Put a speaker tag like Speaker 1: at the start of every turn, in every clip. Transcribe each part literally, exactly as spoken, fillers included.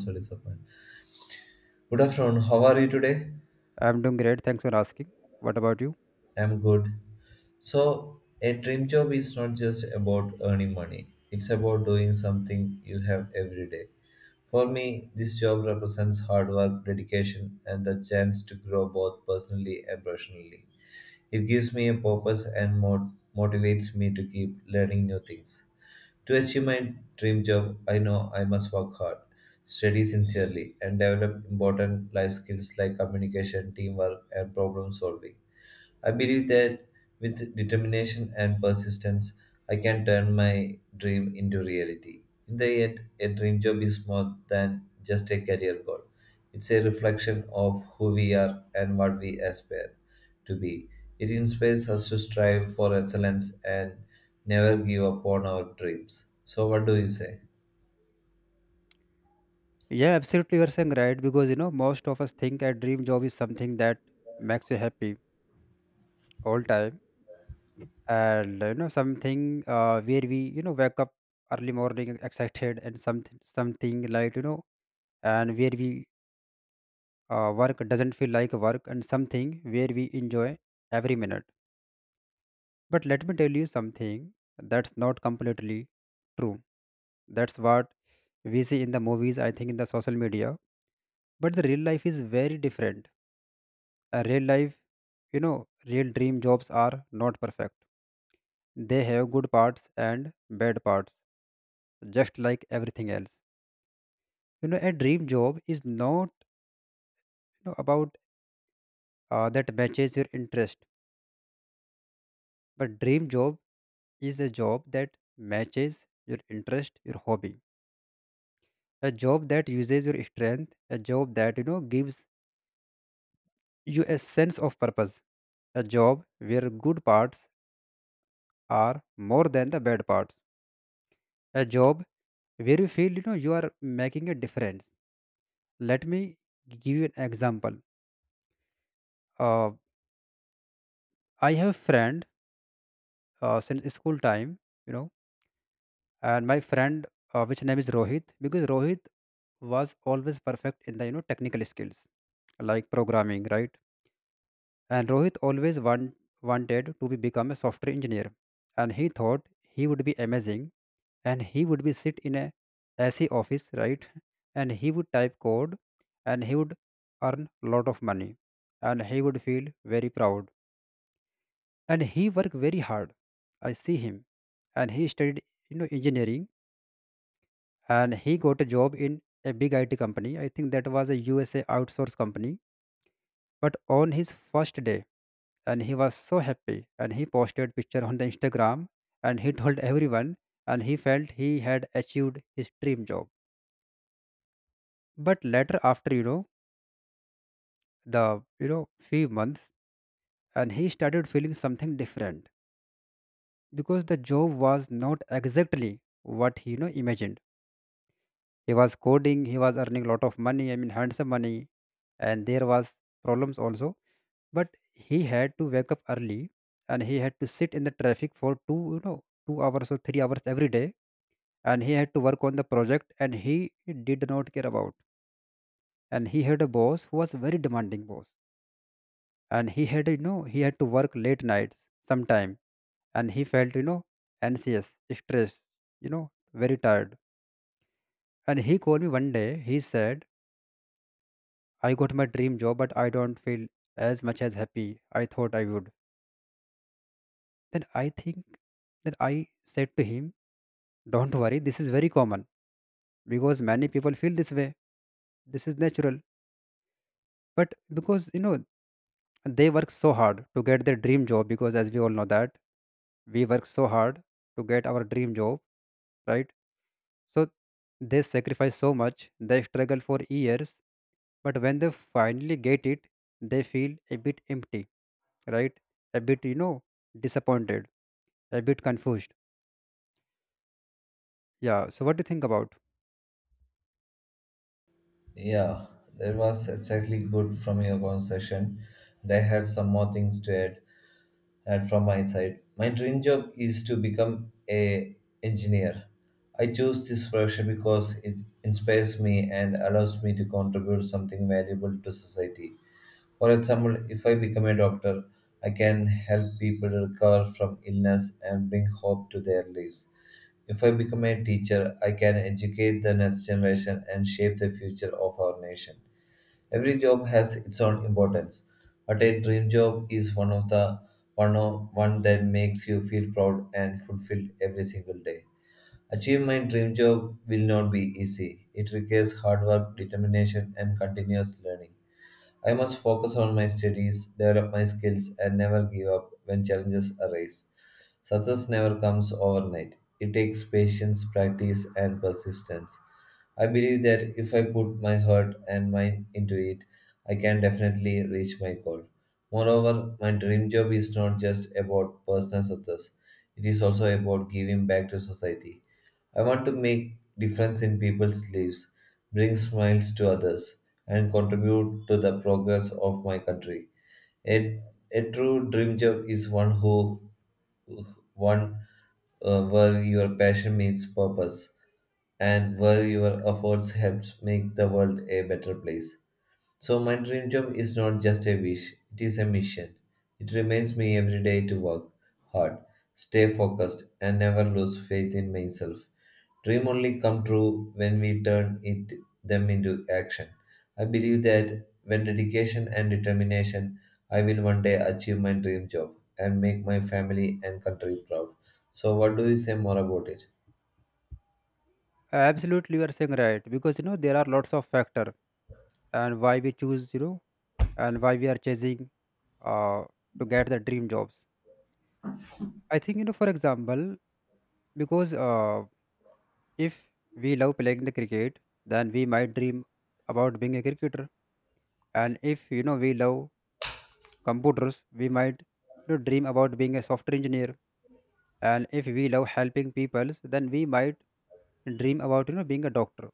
Speaker 1: So disappointed. Good afternoon. How are you today?
Speaker 2: I'm doing great. Thanks for asking. What about you?
Speaker 1: I'm good. So, a dream job is not just about earning money, it's about doing something you have every day. For me, this job represents hard work, dedication, and the chance to grow both personally and professionally. It gives me a purpose and mot- motivates me to keep learning new things. To achieve my dream job, I know I must work hard, study sincerely, and develop important life skills like communication, teamwork, and problem solving. I believe that with determination and persistence, I can turn my dream into reality. In the end, a dream job is more than just a career goal. It's a reflection of who we are and what we aspire to be. It inspires us to strive for excellence and never give up on our dreams. So, what do you say?
Speaker 2: Yeah, absolutely. You're saying right because you know most of us think a dream job is something that makes you happy all time, and you know something uh, where we you know wake up early morning excited and something something like you know and where we uh, work doesn't feel like work and something where we enjoy every minute. But let me tell you something that's not completely true. That's what we see in the movies. I think in the social media but the real life is very different, a real life, you know, real dream jobs are not perfect, they have good parts and bad parts, just like everything else. You know, a dream job is not you know about uh, that matches your interest, but dream job is a job that matches your interest, your hobby, a job that uses your strength, a job that you know gives you a sense of purpose, a job where good parts are more than the bad parts, a job where you feel you know you are making a difference. Let me give you an example. uh, I have a friend uh, since school time, you know, and my friend uh, which name is Rohit, because Rohit was always perfect in the you know technical skills like programming, right? And Rohit always want, wanted to be become a software engineer, and he thought he would be amazing and he would be sit in a AC office, right? And he would type code and he would earn a lot of money and he would feel very proud. And he worked very hard. I see him and he studied you know engineering and he got a job in a big I T company. I think that was a U S A outsource company. But on his first day, and he was so happy and he posted picture on the Instagram and he told everyone and he felt he had achieved his dream job. But later, after you know the you know few months, and he started feeling something different because the job was not exactly what he you know imagined. He was coding, he was earning a lot of money, I mean handsome money, and there was problems also. But he had to wake up early, and he had to sit in the traffic for two you know two hours or three hours every day, and he had to work on the project, and he did not care about. And he had a boss who was very demanding boss and he had you know he had to work late nights sometime and he felt you know anxious, stressed, you know, very tired, and he called me one day he said I got my dream job but I don't feel as much as happy I thought I would. Then i think that i said to him, don't worry, this is very common because many people feel this way, this is natural. But because you know they work so hard to get their dream job, because as we all know that we work so hard to get our dream job, right? So they sacrifice so much, they struggle for years, but when they finally get it, they feel a bit empty, right? A bit, you know, disappointed, a bit confused. Yeah. So what do you think about?
Speaker 1: Yeah, that was exactly good from your conversation. And I had some more things to add. And from my side, my dream job is to become a engineer. I chose this profession because it inspires me and allows me to contribute something valuable to society. For example, if I become a doctor, I can help people recover from illness and bring hope to their lives. If I become a teacher, I can educate the next generation and shape the future of our nation. Every job has its own importance, but a dream job is one of the one of, one that makes you feel proud and fulfilled every single day. Achieving my dream job will not be easy. It requires hard work, determination, and continuous learning. I must focus on my studies, develop my skills, and never give up when challenges arise. Success never comes overnight. It takes patience, practice, and persistence. I believe that if I put my heart and mind into it, I can definitely reach my goal. Moreover, my dream job is not just about personal success, it is also about giving back to society. I want to make difference in people's lives, bring smiles to others, and contribute to the progress of my country. A, a true dream job is one who one uh, where your passion meets purpose and where your efforts helps make the world a better place. So my dream job is not just a wish, it is a mission. It reminds me every day to work hard, stay focused and never lose faith in myself. Dream only come true when we turn it them into action. I believe that when dedication and determination, I will one day achieve my dream job and make my family and country proud. So what do you say more about it?
Speaker 2: Absolutely, you are saying right because you know there are lots of factor and why we choose, you know, and why we are chasing uh, to get the dream jobs. I think you know, for example, because uh, if we love playing the cricket, then we might dream about being a cricketer, and if you know we love computers we might you know dream about being a software engineer, and if we love helping people then we might dream about you know being a doctor.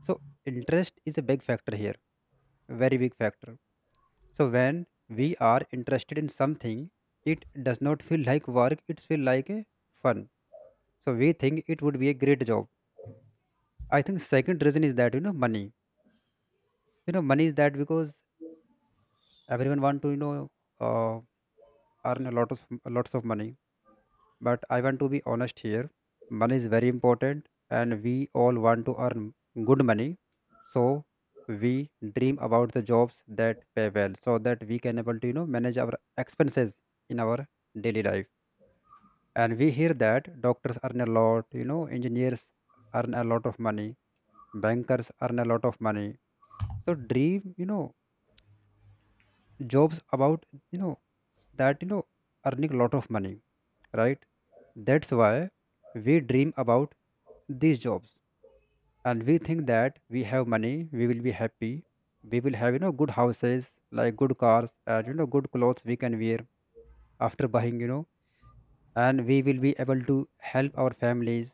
Speaker 2: So interest is a big factor here, very big factor. So when we are interested in something it does not feel like work, it feel like a fun. So we think it would be a great job. I think second reason is that you know money, you know money is that because everyone want to you know uh, earn a lot of lots of money. But I want to be honest here, money is very important and we all want to earn good money. So we dream about the jobs that pay well so that we can able to you know manage our expenses in our daily life. And we hear that doctors earn a lot, you know, engineers earn a lot of money, bankers earn a lot of money. So dream you know jobs about you know that you know earning a lot of money, right? That's why we dream about these jobs, and we think that we have money, we will be happy, we will have, you know, good houses, like good cars and, you know, good clothes we can wear after buying, you know, and we will be able to help our families.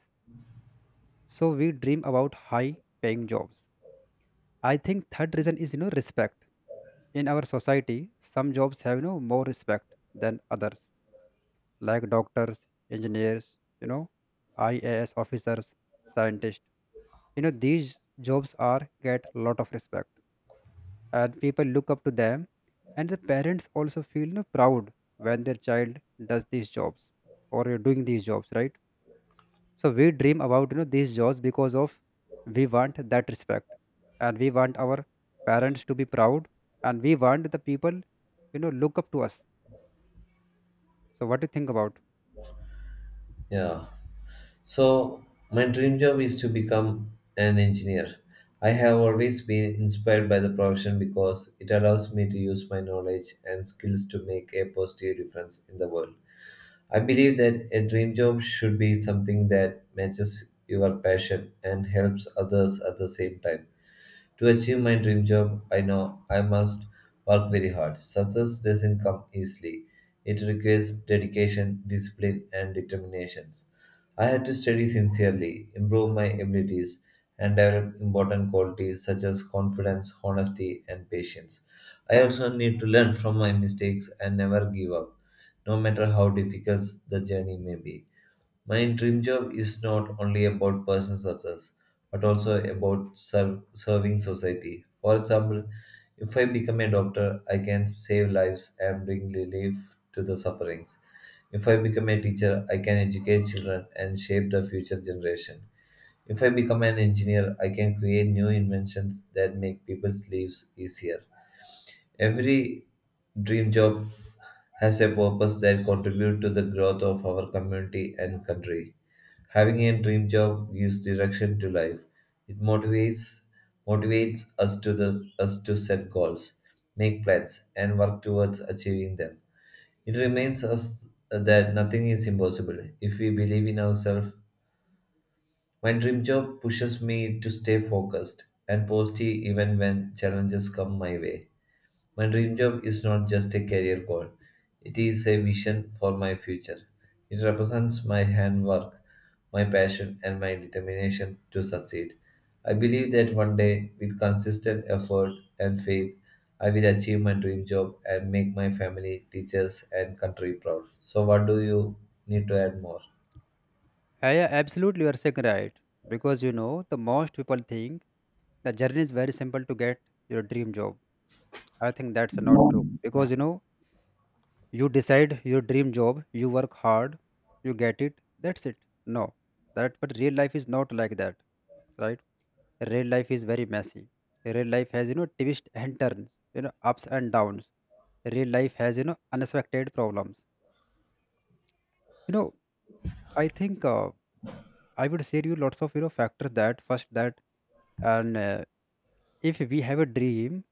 Speaker 2: So we dream about high paying jobs. I think third reason is, you know, respect. In our society, some jobs have, you know, more respect than others, like doctors, engineers, you know, I A S officers, scientists, you know these jobs are get lot of respect and people look up to them, and the parents also feel you know proud when their child does these jobs or uh, doing these jobs, right? So we dream about you know these jobs because of we want that respect, and we want our parents to be proud, and we want the people you know look up to us. So what do you think about?
Speaker 1: Yeah. So, my dream job is to become an engineer. I have always been inspired by the profession because it allows me to use my knowledge and skills to make a positive difference in the world. I believe that a dream job should be something that matches your passion and helps others at the same time. To achieve my dream job, I know I must work very hard. Success doesn't come easily. It requires dedication, discipline, and determination. I had to study sincerely, improve my abilities, and develop important qualities such as confidence, honesty, and patience. I also need to learn from my mistakes and never give up, no matter how difficult the journey may be. My dream job is not only about personal success, but also about ser- serving society. For example, if I become a doctor, I can save lives and bring relief to the sufferings. If I become a teacher, I can educate children and shape the future generation. If I become an engineer, I can create new inventions that make people's lives easier. Every dream job has a purpose that contributes to the growth of our community and country. Having a dream job gives direction to life. It motivates motivates us to the us to set goals, make plans, and work towards achieving them. It reminds us that nothing is impossible if we believe in ourselves. My dream job pushes me to stay focused and positive even when challenges come my way. My dream job is not just a career goal, it is a vision for my future. It represents my handwork, my passion, and my determination to succeed. I believe that one day, with consistent effort and faith, I will achieve my dream job and make my family, teachers, and country proud. So, what do you need to add more?
Speaker 2: Yeah, yeah, absolutely you are saying right because you know the most people think the journey is very simple to get your dream job. I think that's not true because you know you decide your dream job, you work hard, you get it. That's it. No, that but real life is not like that, right? Real life is very messy. Real life has you know twists and turns, you know ups and downs. Real life has you know unexpected problems. You know, I think uh, I would share you lots of you know factors that first that and uh, if we have a dream,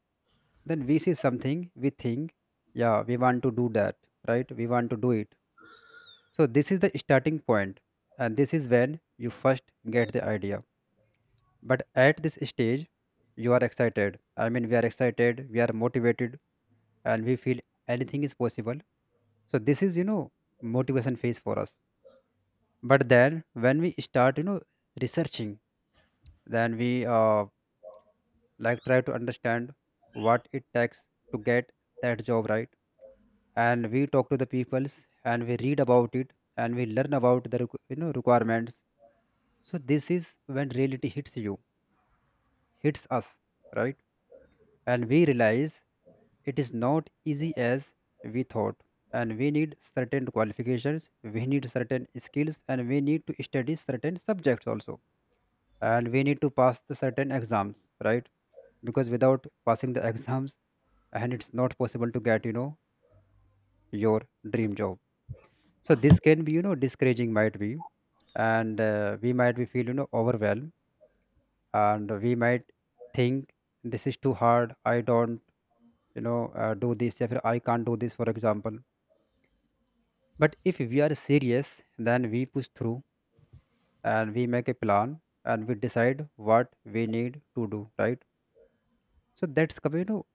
Speaker 2: then we see something we think yeah we want to do that, right, we want to do it. So this is the starting point, and this is when you first get the idea. But at this stage, you are excited. I mean, we are excited, we are motivated, and we feel anything is possible. So this is, you know, motivation phase for us. But then when we start, you know, researching, then we uh, like try to understand what it takes to get that job right, and we talk to the peoples, and we read about it, and we learn about the requ- you know requirements. So this is when reality hits you, hits us, right? And we realize it is not easy as we thought. And we need certain qualifications, we need certain skills, and we need to study certain subjects also. And we need to pass the certain exams, right? Because without passing the exams, and it's not possible to get, you know, your dream job. So this can be, you know, discouraging might be, and uh, we might be feel, you know, overwhelmed, and we might think this is too hard, I don't you know uh, do this if I can't do this, for example. But if we are serious then we push through, and we make a plan and we decide what we need to do, right? So that's come, you know,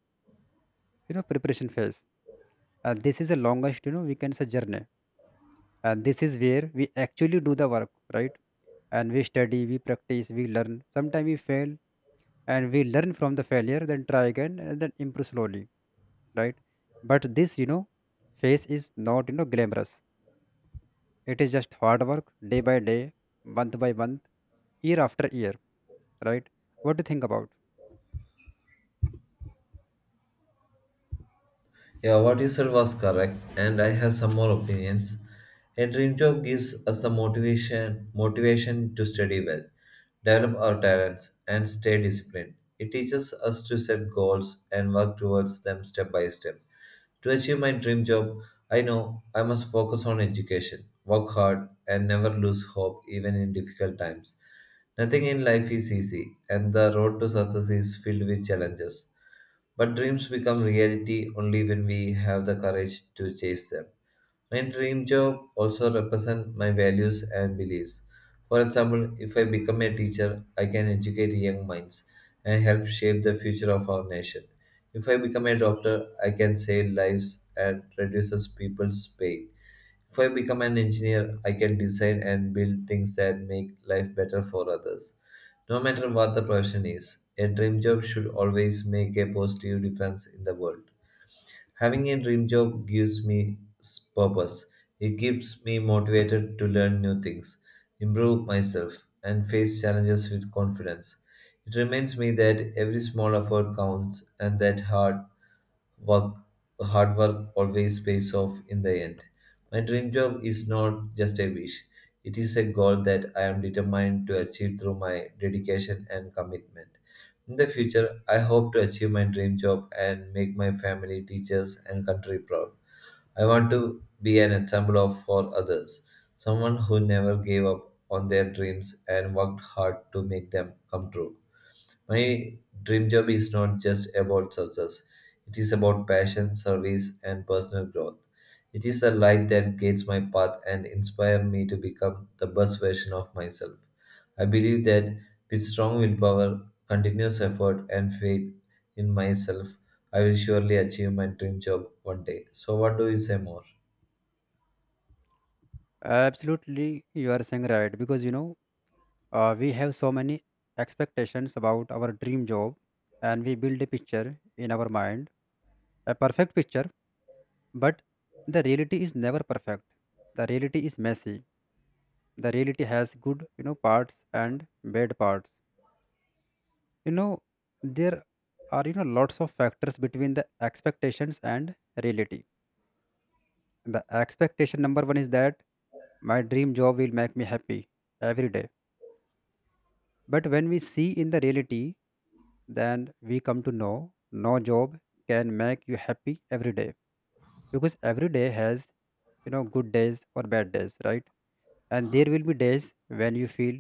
Speaker 2: you know preparation phase, and this is the longest you know we can say journey, and this is where we actually do the work, right? And we study, we practice, we learn, sometimes we fail, and we learn from the failure then try again and then improve slowly, right? But this you know phase is not you know glamorous, it is just hard work day by day, month by month, year after year, right? What do you think about?
Speaker 1: Yeah, what you said was correct, and I have some more opinions. A dream job gives us the motivation motivation to study well, develop our talents, and stay disciplined. It teaches us to set goals and work towards them step by step. To achieve my dream job, I know I must focus on education, work hard, and never lose hope even in difficult times. Nothing in life is easy, and the road to success is filled with challenges. But dreams become reality only when we have the courage to chase them. My dream job also represents my values and beliefs. For example, if I become a teacher, I can educate young minds and help shape the future of our nation. If I become a doctor, I can save lives and reduces people's pain. If I become an engineer, I can design and build things that make life better for others. No matter what the profession is, a dream job should always make a positive difference in the world. Having a dream job gives me s- purpose. It keeps me motivated to learn new things, improve myself, and face challenges with confidence. It reminds me that every small effort counts and that hard work hard work always pays off in the end. My dream job is not just a wish. It is a goal that I am determined to achieve through my dedication and commitment. In the future, I hope to achieve my dream job and make my family, teachers, and country proud. I want to be an example of for others, someone who never gave up on their dreams and worked hard to make them come true. My dream job is not just about success, it is about passion, service, and personal growth. It is the light that guides my path and inspires me to become the best version of myself. I believe that with strong willpower, continuous effort, and faith in myself, I will surely achieve my dream job one day. So, what do you say more?
Speaker 2: Absolutely, you are saying right because you know uh, we have so many expectations about our dream job, and we build a picture in our mind, a perfect picture. But the reality is never perfect, the reality is messy, the reality has good you know parts and bad parts, you know. There are you know lots of factors between the expectations and reality. The expectation number one is that my dream job will make me happy every day. But when we see in the reality, then we come to know no job can make you happy every day, because every day has you know good days or bad days, right? And there will be days when you feel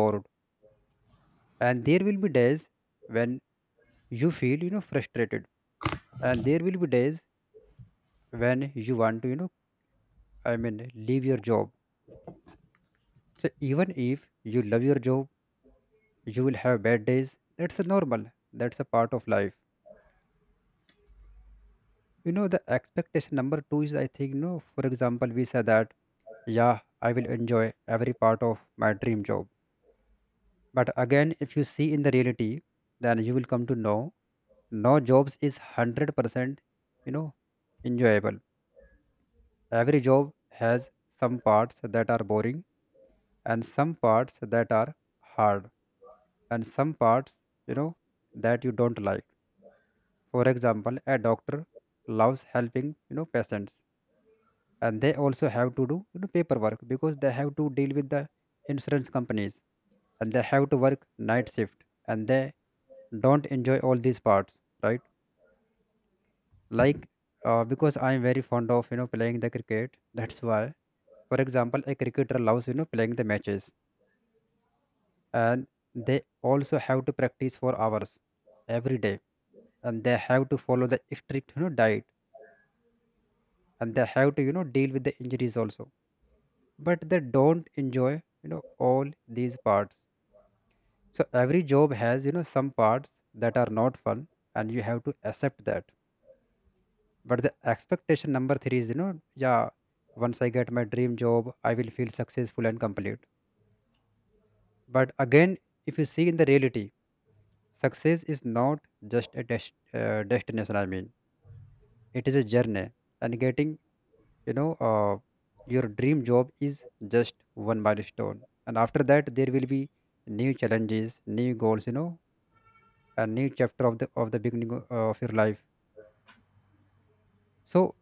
Speaker 2: bored, and there will be days when you feel you know frustrated, and there will be days when you want to you know, I mean, leave your job. So even if you love your job, you will have bad days, that's a normal, that's a part of life. You know the expectation number two is I think no, for example we say that yeah I will enjoy every part of my dream job. But again if you see in the reality, then you will come to know no jobs is one hundred percent you know enjoyable. Every job has some parts that are boring, and some parts that are hard, and some parts you know that you don't like. For example a doctor loves helping you know patients, and they also have to do you know paperwork because they have to deal with the insurance companies, and they have to work night shift, and they don't enjoy all these parts, right? Like uh, because I am very fond of you know playing the cricket, that's why, for example a cricketer loves you know playing the matches, and they also have to practice for hours every day, and they have to follow the strict you know diet, and they have to you know deal with the injuries also, but they don't enjoy you know all these parts. So every job has you know some parts that are not fun, and you have to accept that. But the expectation number three is you know yeah once I get my dream job I will feel successful and complete. But again if you see in the reality, success is not just a dest- uh, destination, I mean, it is a journey. And getting, you know, uh, your dream job is just one milestone. And after that, there will be new challenges, new goals, you know, a new chapter of the of the beginning o- of your life. So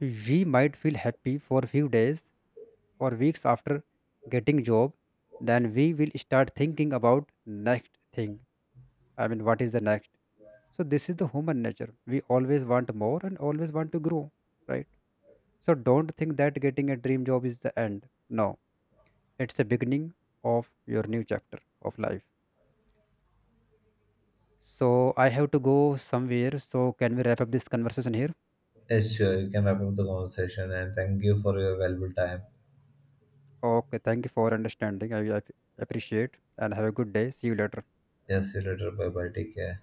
Speaker 2: we might feel happy for a few days or weeks after getting job. Then we will start thinking about next thing. I mean, what is the next? So this is the human nature. We always want more and always want to grow, right? So don't think that getting a dream job is the end. No, it's the beginning of your new chapter of life. So I have to go somewhere. So can we wrap up this conversation here?
Speaker 1: Yes, sure. You can wrap up the conversation and thank you for your valuable time.
Speaker 2: Okay, thank you for understanding. I, I appreciate and have a good day. See you later.
Speaker 1: Yes, see you later. Bye bye. Take care.